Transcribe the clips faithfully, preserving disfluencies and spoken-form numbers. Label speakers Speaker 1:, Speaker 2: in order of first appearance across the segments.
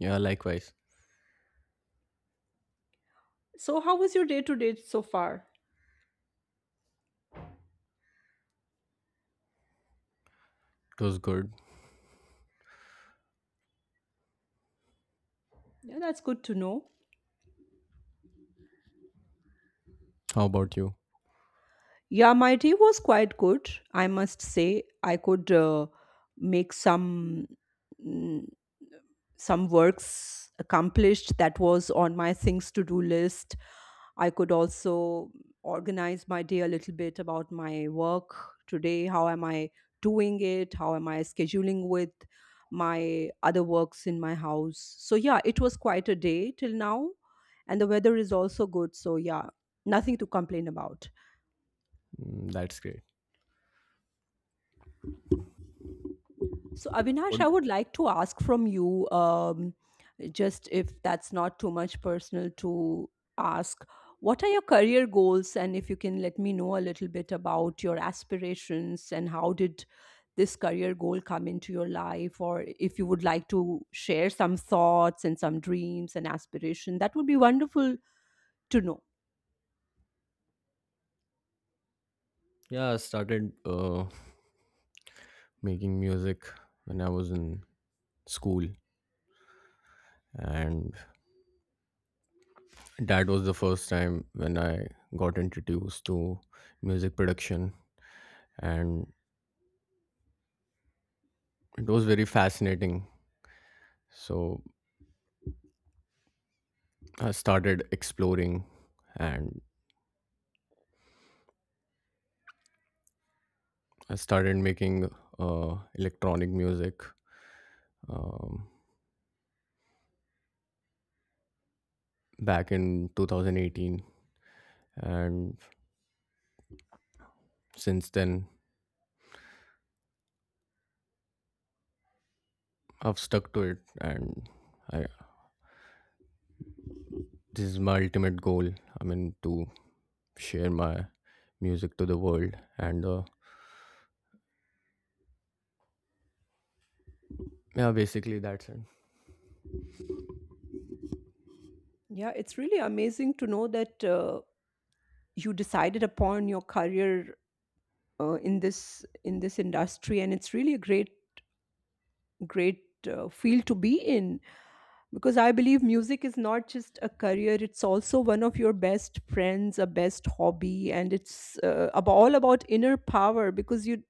Speaker 1: Yeah, likewise.
Speaker 2: So, how was your day to date so far?
Speaker 1: It was good.
Speaker 2: Yeah, that's good to know.
Speaker 1: How about you?
Speaker 2: Yeah, my day was quite good. I must say, I could uh, make some mm, some works accomplished that was on my things to do list. I could also organize my day a little bit about my work today. How am I doing it? How am I scheduling with my other works in my house? So, yeah, it was quite a day till now. And the weather is also good. So, yeah, nothing to complain about.
Speaker 1: Mm, that's great.
Speaker 2: So,
Speaker 1: What?
Speaker 2: Avinash, I would like to ask from you, um, just if that's not too much personal to ask, what are your career goals? And if you can let me know a little bit about your aspirations and how did this career goal come into your life, or if you would like to share some thoughts and some dreams and aspiration, that would be wonderful to know.
Speaker 1: Yeah, I started uh, making music when I was in school, and that was the first time when I got introduced to music production, and it was very fascinating. So I started exploring, and I started making uh, electronic music um, back in twenty eighteen, and since then I've stuck to it, and I, this is my ultimate goal. I mean, to share my music to the world, and uh, yeah, basically that's it.
Speaker 2: Yeah, it's really amazing to know that uh, you decided upon your career uh, in this in this industry, and it's really a great great uh, field to be in, because I believe music is not just a career, it's also one of your best friends, a best hobby, and it's uh, ab- all about inner power, because you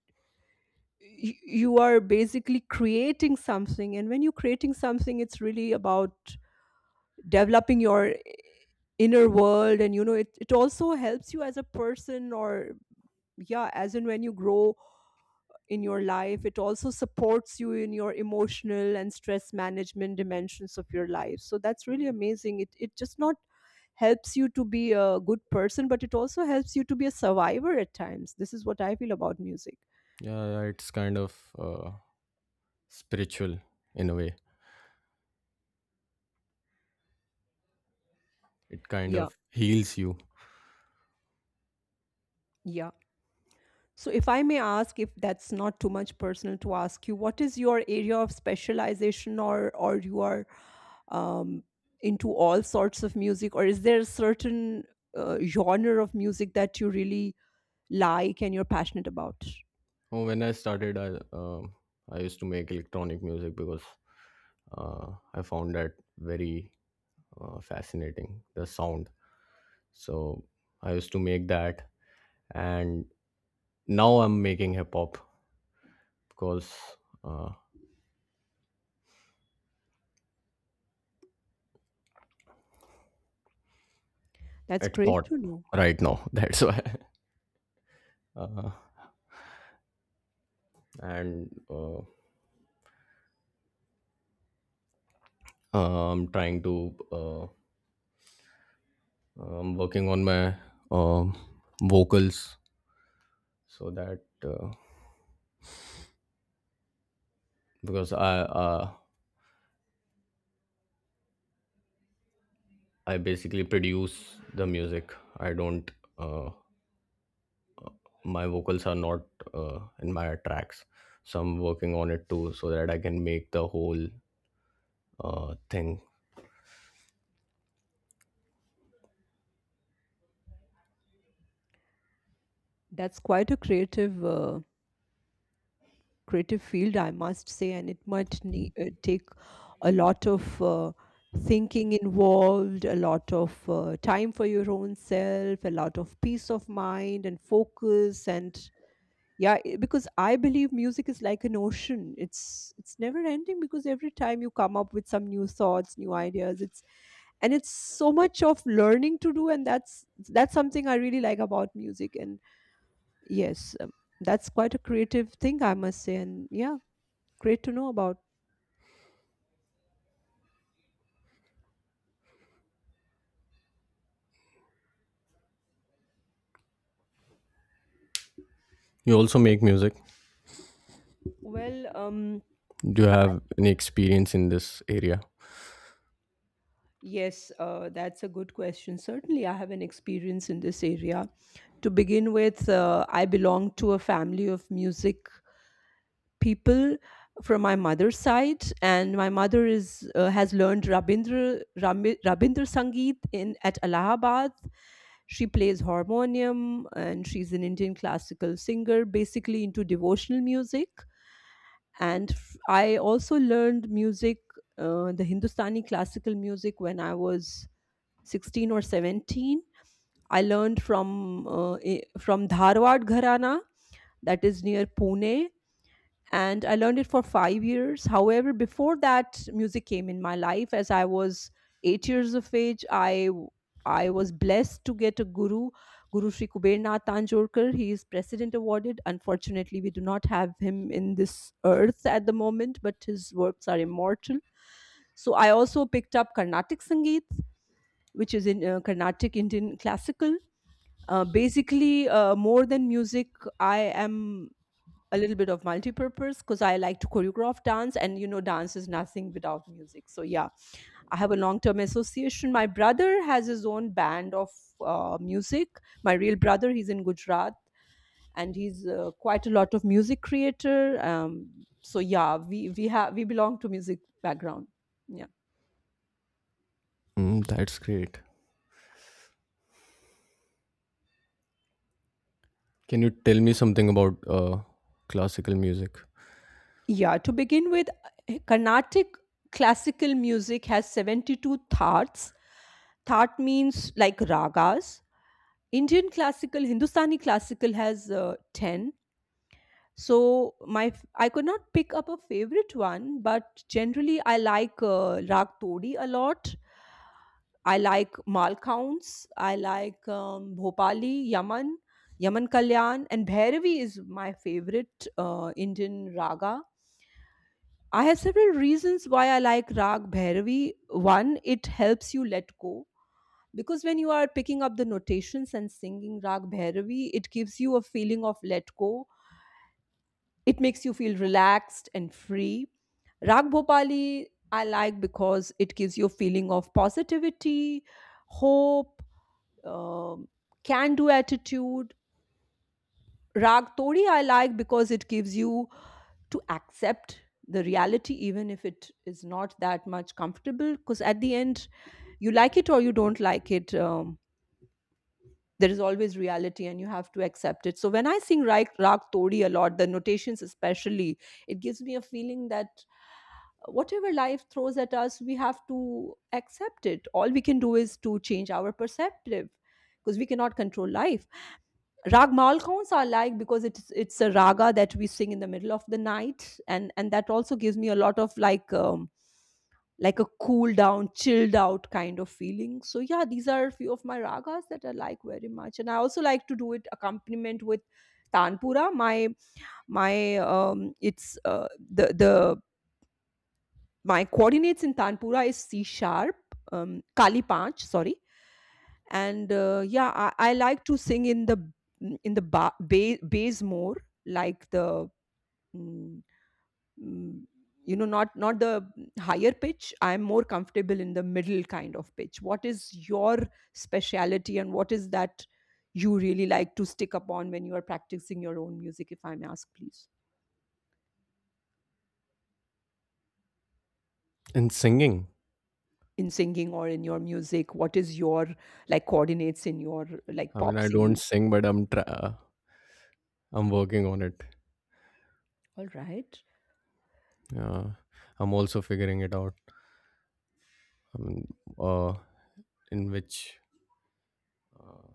Speaker 2: y- you are basically creating something, and when you're creating something, it's really about developing your inner world. And you know, it, it also helps you as a person, or yeah, as in when you grow in your life, it also supports you in your emotional and stress management dimensions of your life. So that's really amazing. It it just not helps you to be a good person, but it also helps you to be a survivor at times. This is what I feel about music.
Speaker 1: Yeah, yeah, it's kind of uh, spiritual in a way. It kind
Speaker 2: Yeah,
Speaker 1: of heals you.
Speaker 2: yeah. So, if I may ask, if that's not too much personal to ask you, what is your area of specialization, or or you are um, into all sorts of music, or is there a certain uh, genre of music that you really like and you're passionate about?
Speaker 1: Oh, When I started, I um I used to make electronic music because uh, I found that very uh, fascinating the sound. So I used to make that, and now I'm making hip hop because uh,
Speaker 2: That's
Speaker 1: it's
Speaker 2: great
Speaker 1: hot
Speaker 2: to know.
Speaker 1: right now. That's why. Uh, and uh, uh, I'm trying to, uh, I'm working on my um, vocals so that uh, because I uh, I basically produce the music. I don't. Uh, my vocals are not uh, in my tracks, so I'm working on it too, so that I can make the whole uh, thing.
Speaker 2: That's quite a creative uh, creative field, I must say, and it might ne- uh, take a lot of uh, thinking involved, a lot of uh, time for your own self, a lot of peace of mind and focus. And yeah, i- because I believe music is like an ocean. It's it's never ending, because every time you come up with some new thoughts, new ideas, it's and it's so much of learning to do. And that's that's something I really like about music. And yes, um, that's quite a creative thing, I must say, and yeah, great to know about.
Speaker 1: You also make music.
Speaker 2: Well um
Speaker 1: Do you have any experience in this area?
Speaker 2: yes, uh, that's a good question. Certainly I have an experience in this area. To begin with, uh, I belong to a family of music people from my mother's side, and my mother is uh, has learned rabindra Rami- rabindra Sangeet in at Allahabad. She plays harmonium, and she's an Indian classical singer, basically into devotional music. And f- I also learned music, uh, the Hindustani classical music, when I was sixteen or seventeen. I learned from uh, i- from Dharwad Gharana, that is near Pune, and I learned it for five years. However, before that, music came in my life as I was eight years of age. I w- I was blessed to get a guru, Guru Sri Kuber Nath Tanjorkar. He is president awarded. Unfortunately, we do not have him in this earth at the moment, but his works are immortal. So I also picked up Carnatic Sangeet, which is in uh, Carnatic Indian classical. Uh, basically, uh, more than music, I am a little bit of multi-purpose, because I like to choreograph dance, and you know, dance is nothing without music. So yeah, I have a long-term association. My brother has his own band of uh, music. My real brother, he's in Gujarat, and he's uh, quite a lot of music creator. Um, so yeah, we we have we belong to music background. Yeah,
Speaker 1: Mm, that's great. Can you tell me something about uh, classical music
Speaker 2: yeah. To begin with, Carnatic classical music has seventy-two thats. That means like ragas. Indian classical, Hindustani classical has uh, ten. So my f- I could not pick up a favorite one, but generally I like uh, Rag Todi a lot. I like Malcounts. I like um, Bhopali, Yaman, Yaman Kalyan, and Bhairavi is my favorite uh, Indian raga. I have several reasons why I like Rag Bhairavi. One, it helps you let go, because when you are picking up the notations and singing Rag Bhairavi, it gives you a feeling of let go. It makes you feel relaxed and free. Rag Bhopali I like because it gives you a feeling of positivity, hope, um, can do attitude. Rag Tori I like because it gives you to accept the reality, even if it is not that much comfortable, because at the end, you like it or you don't like it. Um, there is always reality and you have to accept it. So when I sing raag, raag Todi a lot, the notations especially, it gives me a feeling that uh, whatever life throws at us, we have to accept it. All we can do is to change our perceptive, because we cannot control life. Rag Malkons are like because it's it's a raga that we sing in the middle of the night. And and that also gives me a lot of like um, like a cool down, chilled out kind of feeling. So yeah, these are a few of my ragas that I like very much, and I also like to do it accompaniment with tanpura. My my um, it's uh, the the my coordinates in tanpura is C sharp, um, kali panch, sorry, and uh, yeah, I, I like to sing in the in the ba- ba- bass more. like the. mm, mm, you know not not the higher pitch. I'm more comfortable in the middle kind of pitch. What is your speciality, and what is that you really like to stick upon when you are practicing your own music, if I may ask please?
Speaker 1: and singing?
Speaker 2: In singing or in your music, what is your like coordinates in your like
Speaker 1: I mean,
Speaker 2: pop
Speaker 1: I don't
Speaker 2: singing?
Speaker 1: sing, but I'm tra- uh, I'm working on it.
Speaker 2: All right.
Speaker 1: Uh, I'm also figuring it out. I mean, uh, in which uh,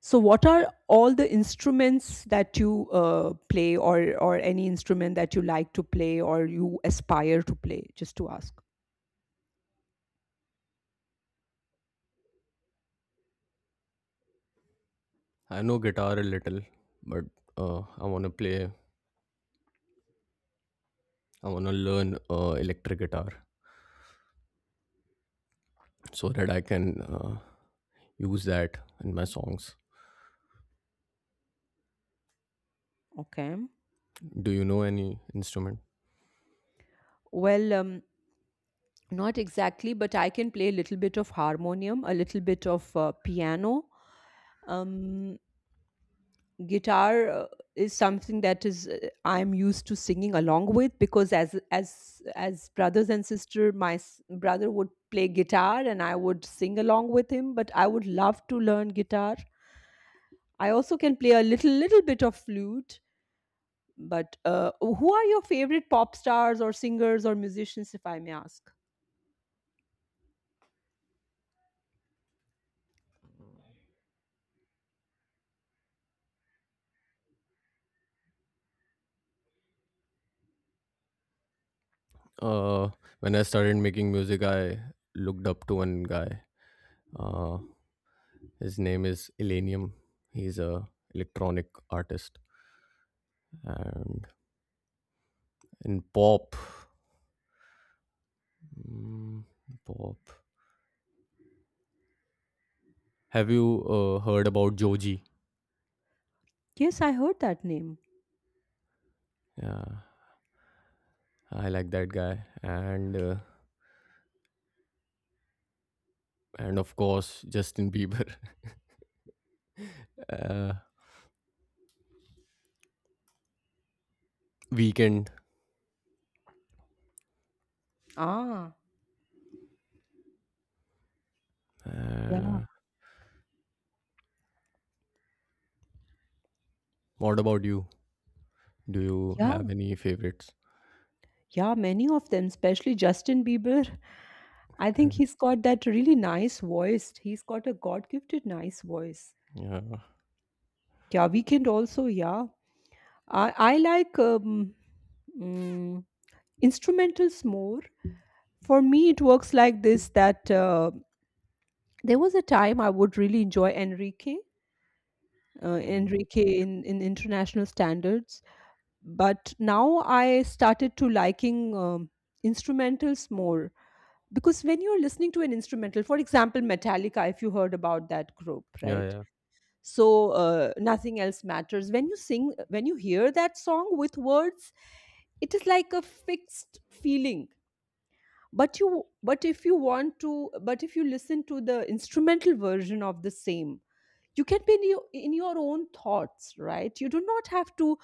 Speaker 2: So what are all the instruments that you uh, play, or or any instrument that you like to play or you aspire to play, just to ask?
Speaker 1: I know guitar a little, but uh, I want to play. I want to learn uh, electric guitar so that I can uh, use that in my songs.
Speaker 2: Okay.
Speaker 1: Do you know any instrument?
Speaker 2: Well, um, not exactly, but I can play a little bit of harmonium, a little bit of uh, piano. Um, Guitar uh, is something that is uh, I'm used to singing along with, because as as as brothers and sister, my s- brother would play guitar and I would sing along with him. But I would love to learn guitar. I also can play a little little bit of flute. But uh, who are your favorite pop stars or singers or musicians, if I may ask?
Speaker 1: Uh, when I started making music, I looked up to one guy. Uh, his name is Elenium. He's a electronic artist. And in pop, mm, pop. Have you uh, heard about Joji?
Speaker 2: Yes, I heard that name.
Speaker 1: Yeah, I like that guy. And uh, and of course Justin Bieber. uh, Weekend.
Speaker 2: Ah, yeah,
Speaker 1: Uh, what about you? Do you
Speaker 2: yeah.
Speaker 1: have any favorites?
Speaker 2: Yeah, many of them, especially Justin Bieber. I think he's got that really nice voice. He's got a God gifted nice voice.
Speaker 1: Yeah.
Speaker 2: Yeah, Weekend also, yeah. I, I like um, mm, instrumentals more. For me, it works like this that uh, there was a time I would really enjoy Enrique. Uh,
Speaker 1: Mm.
Speaker 2: Enrique in, in international standards, but now I started to liking um, instrumentals more, because when you're listening to an instrumental, for example Metallica, if you heard about that group,
Speaker 1: Yeah,
Speaker 2: right?
Speaker 1: yeah.
Speaker 2: So uh, nothing else matters when you sing, when you hear that song with words. It is like a fixed feeling, but you but if you want to but if you listen to the instrumental version of the same, you can be in your, in your own thoughts, right? You do not have to.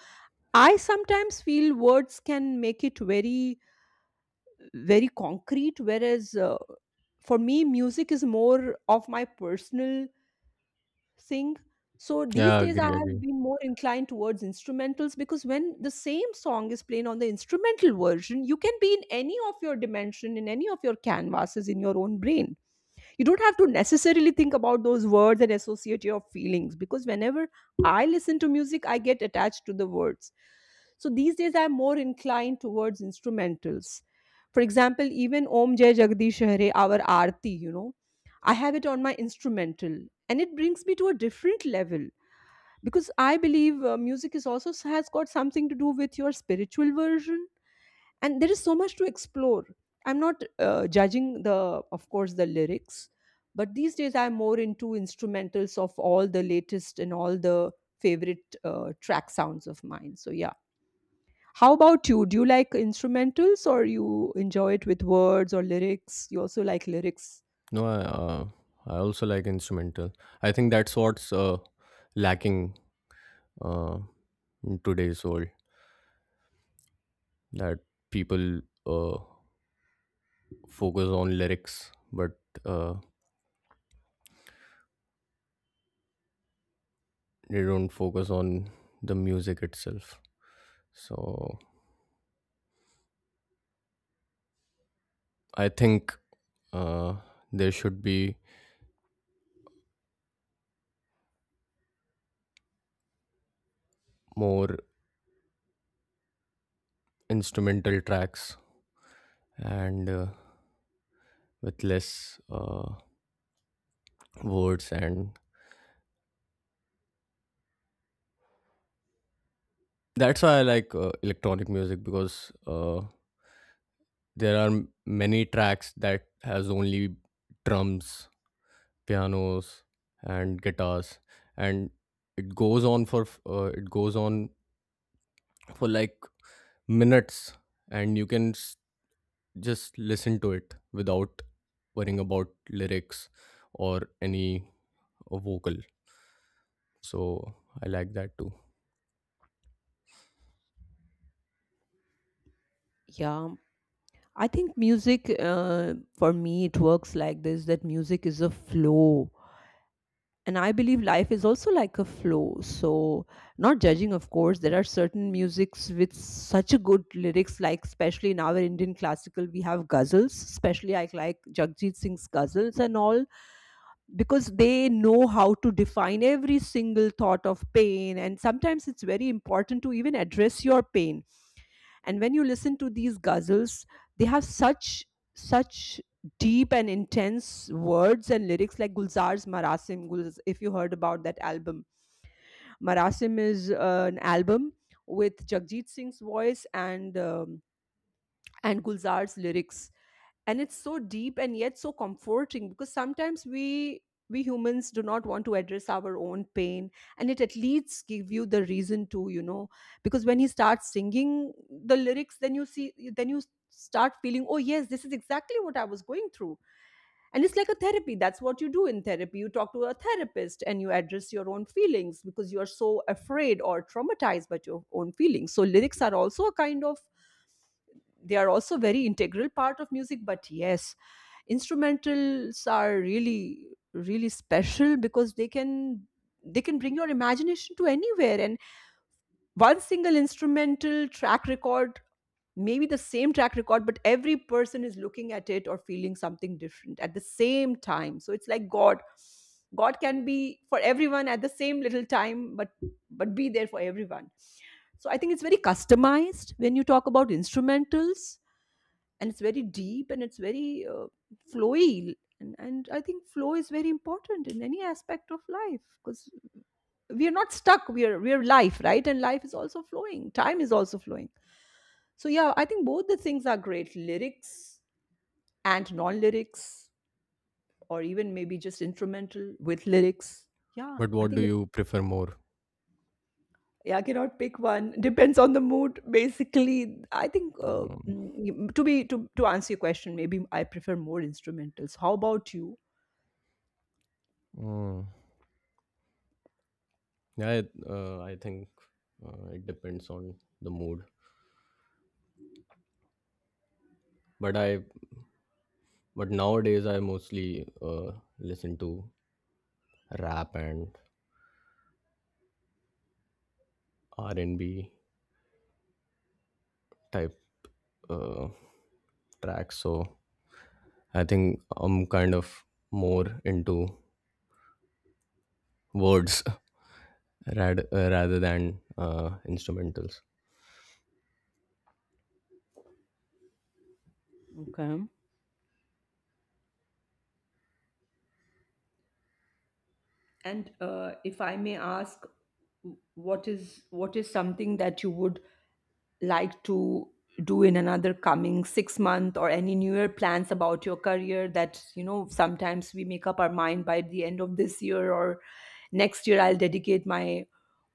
Speaker 2: I sometimes feel words can make it very, very concrete, whereas uh, for me music is more of my personal thing. So these
Speaker 1: Yeah,
Speaker 2: days I
Speaker 1: agree,
Speaker 2: have
Speaker 1: agree.
Speaker 2: been more inclined towards instrumentals, because when the same song is playing on the instrumental version, you can be in any of your dimension, in any of your canvases, in your own brain. You don't have to necessarily think about those words and associate your feelings, because whenever I listen to music, I get attached to the words. So these days I'm more inclined towards instrumentals. For example, even Om Jai Jagdish Hare, our aarti, you know I have it on my instrumental, and it brings me to a different level, because I believe uh, music is also has got something to do with your spiritual version. And there is so much to explore. I'm not uh, judging the of course the lyrics, but these days I'm more into instrumentals of all the latest and all the favorite uh, track sounds of mine. So yeah, how about you? Do you like instrumentals, or you enjoy it with words or lyrics? You also like lyrics?
Speaker 1: No, I, uh, I also like instrumental. I think that's what's uh, lacking uh, in today's world that people uh, focus on lyrics, but uh, they don't focus on the music itself. So I think uh, there should be more instrumental tracks and uh, with less uh, words, and that's why I like uh, electronic music because uh, there are many tracks that has only drums, pianos, and guitars, and it goes on for f- uh, it goes on for like minutes, and you can s- just listen to it without worrying about lyrics or any uh, vocal. So I like that too.
Speaker 2: Yeah, I think music uh, for me it works like this, that music is a flow. And I believe life is also like a flow, so not judging. Of course there are certain musics with such a good lyrics, like especially in our Indian classical we have ghazals. Especially I like Jagjit Singh's ghazals and all, because they know how to define every single thought of pain, and sometimes it's very important to even address your pain. And when you listen to these ghazals, they have such such deep and intense words and lyrics, like Gulzar's Marasim. Gulz, if you heard about that album, Marasim is uh, an album with Jagjit Singh's voice and um, and Gulzar's lyrics. And it's so deep and yet so comforting, because sometimes we we humans do not want to address our own pain, and it at least give you the reason to, you know, because when he starts singing the lyrics, then you see, then you start feeling, oh yes, this is exactly what I was going through. And it's like a therapy. That's what you do in therapy. You talk to a therapist and you address your own feelings because you are so afraid or traumatized by your own feelings. So lyrics are also a kind of, they are also very integral part of music. But yes, instrumentals are really really special because they can they can bring your imagination to anywhere. And one single instrumental track record, maybe the same track record, but every person is looking at it or feeling something different at the same time. So it's like God. God can be for everyone at the same little time, but but be there for everyone. So I think it's very customized when you talk about instrumentals. And it's very deep and it's very uh, flowy. And, and I think flow is very important in any aspect of life, because we are not stuck, we are, we are life, right? And life is also flowing, time is also flowing. So yeah, I think both the things are great, lyrics and non-lyrics, or even maybe just instrumental with lyrics. Yeah,
Speaker 1: But
Speaker 2: I
Speaker 1: what do
Speaker 2: think it's,
Speaker 1: you prefer more?
Speaker 2: yeah, I cannot pick one, depends on the mood basically. I think uh,
Speaker 1: Um,
Speaker 2: mm, to be to, to answer your question, maybe I prefer more instrumentals. How about you?
Speaker 1: mm, yeah, it- uh, I think uh, it depends on the mood. But I But nowadays, I mostly uh, listen to rap and R and B type uh, tracks. So I think I'm kind of more into words rad- uh, rather than uh, instrumentals.
Speaker 2: Okay. And uh, if I may ask, what is what is something that you would like to do in another coming six months, or any newer plans about your career? That, you know, sometimes we make up our mind by the end of this year or next year, I'll dedicate my,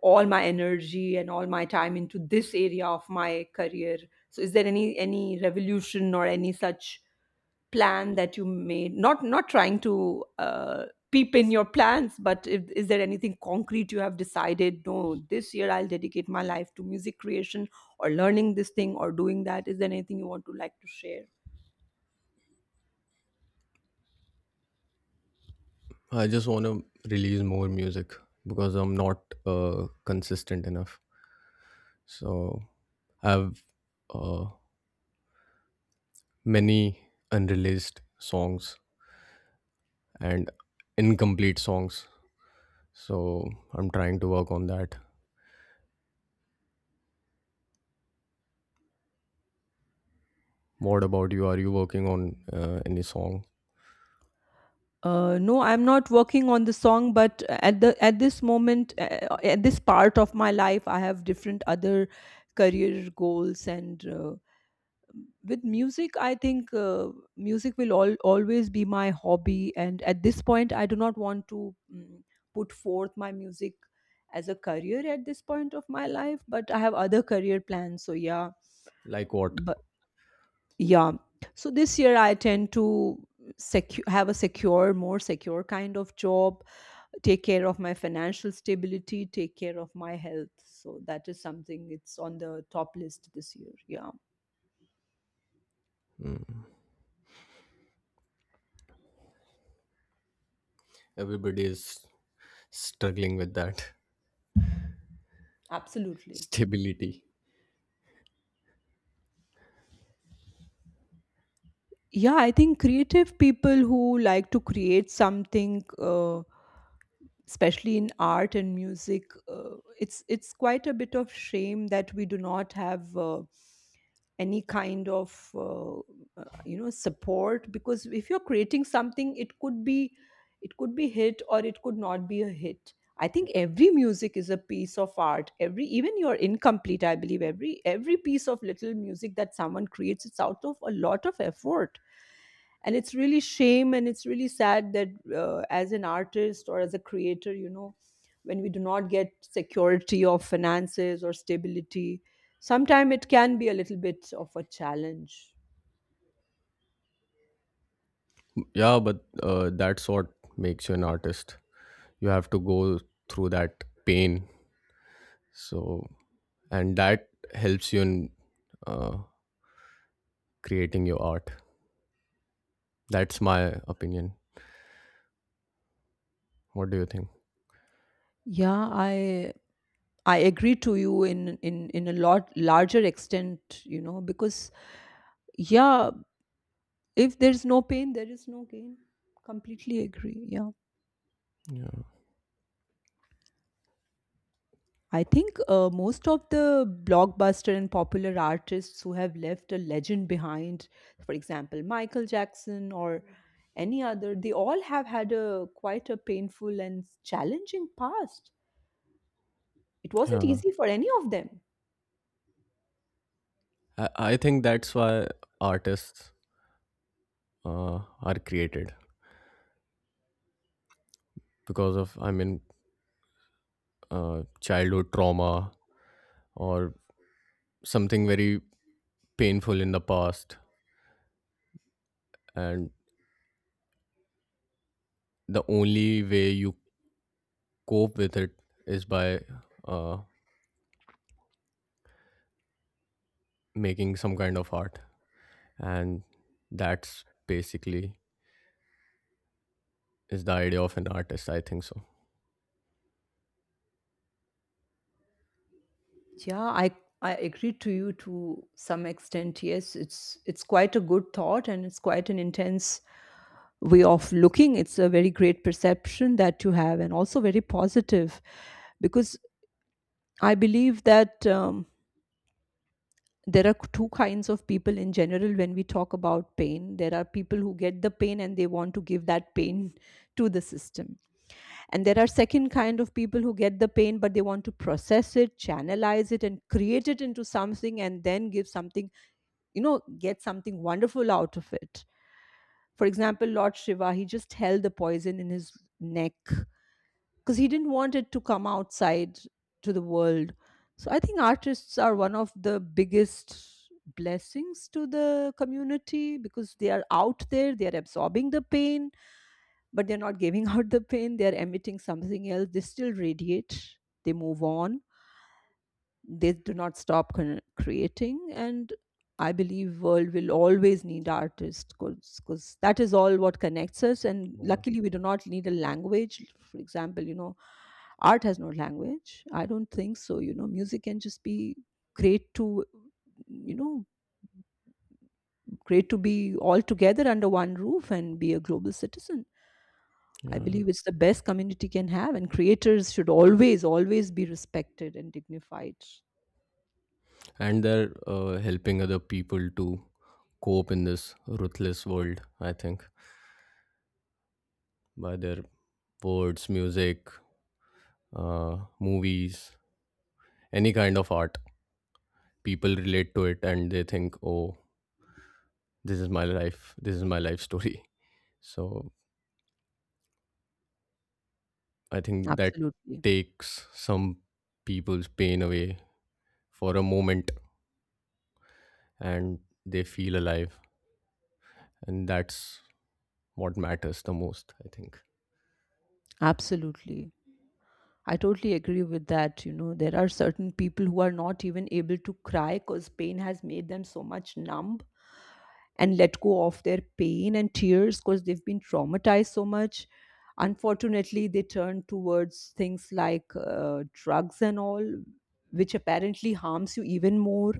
Speaker 2: all my energy and all my time into this area of my career. So is there any any revolution or any such plan that you made, not not trying to uh, peep in your plans, but if, is there anything concrete you have decided, no, this year I'll dedicate my life to music creation, or learning this thing or doing that. Is there anything you want to, like to share?
Speaker 1: I just want to release more music because I'm not uh, consistent enough. So I have uh, many unreleased songs and incomplete songs. So I'm trying to work on that. What about you? Are you working on uh, any song?
Speaker 2: Uh, no, I'm not working on the song, but at the, at this moment, uh, at this part of my life, I have different other career goals and uh, with music, I think uh, music will all, always be my hobby, and at this point I do not want to mm, put forth my music as a career at this point of my life, but I have other career plans. So yeah.
Speaker 1: Like what?
Speaker 2: But yeah, so this year I tend to secure have a secure, more secure kind of job, take care of my financial stability, take care of my health. So that is something, it's on the top list this year. Yeah.
Speaker 1: Mm. Everybody is struggling with that
Speaker 2: Absolutely.
Speaker 1: stability.
Speaker 2: Yeah, I think creative people who like to create something, uh, especially in art and music, uh, it's it's quite a bit of shame that we do not have uh, any kind of uh, uh, you know, support. Because if you're creating something, it could be it could be hit, or it could not be a hit. I think every music is a piece of art. Every, even your incomplete, I believe every every piece of little music that someone creates, it's out of a lot of effort. And it's really shame and it's really sad that uh, as an artist or as a creator, you know, when we do not get security of finances or stability, sometimes it can be a little bit of a challenge.
Speaker 1: Yeah, but uh, that's what makes you an artist. You have to go through that pain. So, and that helps you in uh, creating your art. That's my opinion. What do you think?
Speaker 2: Yeah, i i agree to you in, in in a lot larger extent, you know, because, yeah, if there's no pain, there is no gain. Completely agree. Yeah.
Speaker 1: Yeah,
Speaker 2: I think uh, most of the blockbuster and popular artists who have left a legend behind, for example, Michael Jackson or any other, they all have had a quite a painful and challenging past. It wasn't
Speaker 1: yeah.
Speaker 2: easy for any of them.
Speaker 1: I, I think that's why artists uh, are created because of, I mean, uh, childhood trauma or something very painful in the past, and the only way you cope with it is by uh, making some kind of art, and that's basically is the idea of an artist, I think. So
Speaker 2: Yeah, I I agree to you to some extent. Yes, it's it's quite a good thought and it's quite an intense way of looking. It's a very great perception that you have, and also very positive. Because I believe that. Um, there are two kinds of people in general when we talk about pain. There are people who get the pain and they want to give that pain to the system. And there are second kind of people who get the pain but they want to process it, channelize it and create it into something, and then give something, you know, get something wonderful out of it. For example, Lord Shiva, he just held the poison in his neck because he didn't want it to come outside to the world. So I think artists are one of the biggest blessings to the community, because they are out there, they are absorbing the pain, but they're not giving out the pain, they're emitting something else. They still radiate, they move on, they do not stop con- creating. And I believe world will always need artists, because that is all what connects us. And
Speaker 1: yeah,
Speaker 2: luckily we do not need a language, for example, you know. Art has no language, I don't think so, you know. Music can just be great to, you know, great to be all together under one roof and be a global citizen. I
Speaker 1: yeah.
Speaker 2: believe it's the best community can have, and creators should always, always be respected and dignified.
Speaker 1: And they're uh, helping other people to cope in this ruthless world, I think, by their words, music, uh, movies, any kind of art. People relate to it, and they think, oh, this is my life, this is my life story. So I think that
Speaker 2: Absolutely.
Speaker 1: takes some people's pain away for a moment, and they feel alive, and that's what matters the most, I think.
Speaker 2: Absolutely. I totally agree with that. You know, there are certain people who are not even able to cry, because pain has made them so much numb and let go of their pain and tears, because they've been traumatized so much. Unfortunately, they turn towards things like uh, drugs and all, which apparently harms you even more.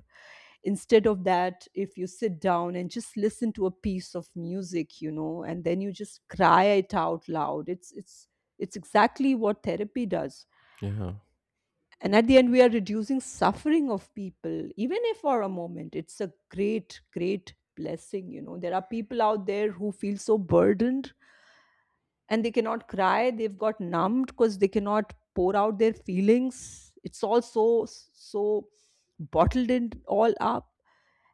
Speaker 2: Instead of that, if you sit down and just listen to a piece of music, you know, and then you just cry it out loud, it's it's it's exactly what therapy does.
Speaker 1: Yeah.
Speaker 2: And at the end we are reducing suffering of people, even if for a moment, it's a great great blessing, you know. There are people out there who feel so burdened, and they cannot cry, they've got numbed because they cannot pour out their feelings, it's all so so bottled in all up.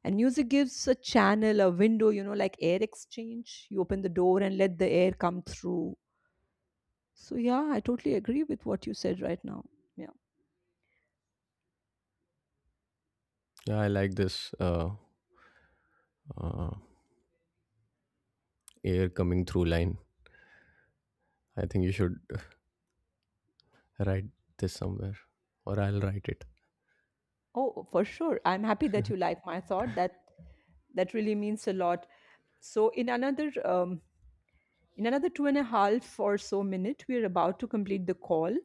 Speaker 2: And music gives a channel, a window, you know, like air exchange. You open the door and let the air come through. So, yeah, I totally agree with what you said right now. Yeah.
Speaker 1: Yeah, I like this uh, uh air coming through line. I think you should write this somewhere, or I'll write it.
Speaker 2: Oh, for sure. I'm happy that you like my thought. That that really means a lot. So in another um, in another two and a half or so minute, we're about to complete the call.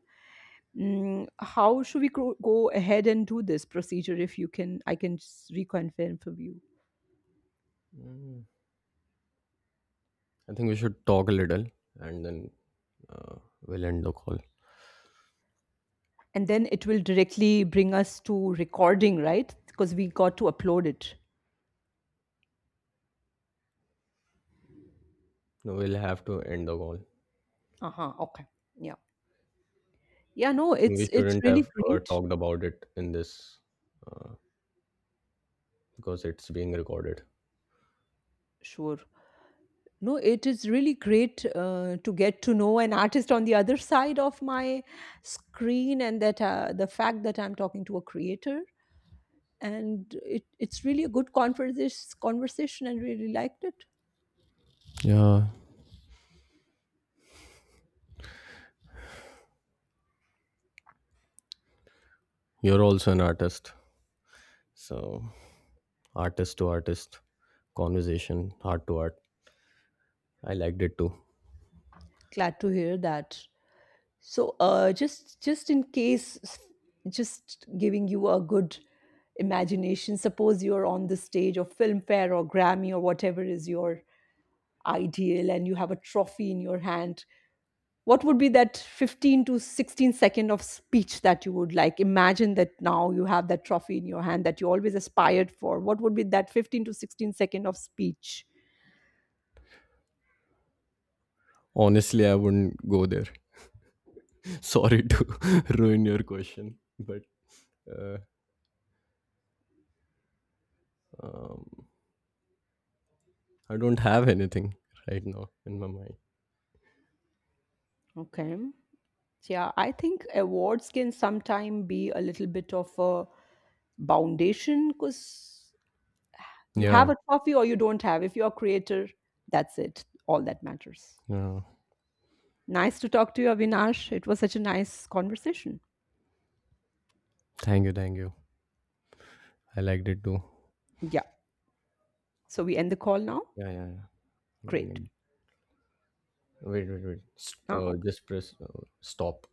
Speaker 2: Mm, how should we go go ahead and do this procedure? If you can, I can s- reconfirm for you.
Speaker 1: Mm. I think we should talk a little, and then uh, we'll end the call.
Speaker 2: And then it will directly bring us to recording, right? Because we got to upload it.
Speaker 1: No, we'll have to end the call.
Speaker 2: Uh-huh. Okay. Yeah. Yeah, no,
Speaker 1: I think we
Speaker 2: it's it's
Speaker 1: shouldn't
Speaker 2: really
Speaker 1: have uh,
Speaker 2: great.
Speaker 1: talked about it in this because it's being recorded.
Speaker 2: Sure. No, it is really great uh, to get to know an artist on the other side of my screen, and that uh, the fact that I'm talking to a creator, and it, it's really a good conversation conversation, and really liked it.
Speaker 1: Yeah, you're also an artist. So, artist to artist conversation, heart to heart. I liked it too.
Speaker 2: Glad to hear that. So, uh, just just in case, s- just giving you a good imagination. Suppose you're on the stage of Filmfare or Grammy or whatever is your ideal, and you have a trophy in your hand. What would be that fifteen to 16 second of speech that you would like? Imagine that now you have that trophy in your hand that you always aspired for. What would be that fifteen to 16 second of speech?
Speaker 1: Honestly, I wouldn't go there. Sorry to ruin your question, but uh, um, I don't have anything right now in my mind.
Speaker 2: Okay. Yeah, I think awards can sometime be a little bit of a Boundation. Because you
Speaker 1: Yeah,
Speaker 2: have a trophy or you don't have. If you're a creator, that's it. All that matters.
Speaker 1: yeah.
Speaker 2: Nice to talk to you, Avinash. It was such a nice conversation.
Speaker 1: Thank you, thank you. I liked it too.
Speaker 2: Yeah. So we end the call now.
Speaker 1: Yeah, yeah, yeah. I
Speaker 2: Great.
Speaker 1: mean, wait, wait, wait. S- Uh,
Speaker 2: Now,
Speaker 1: just press uh, stop.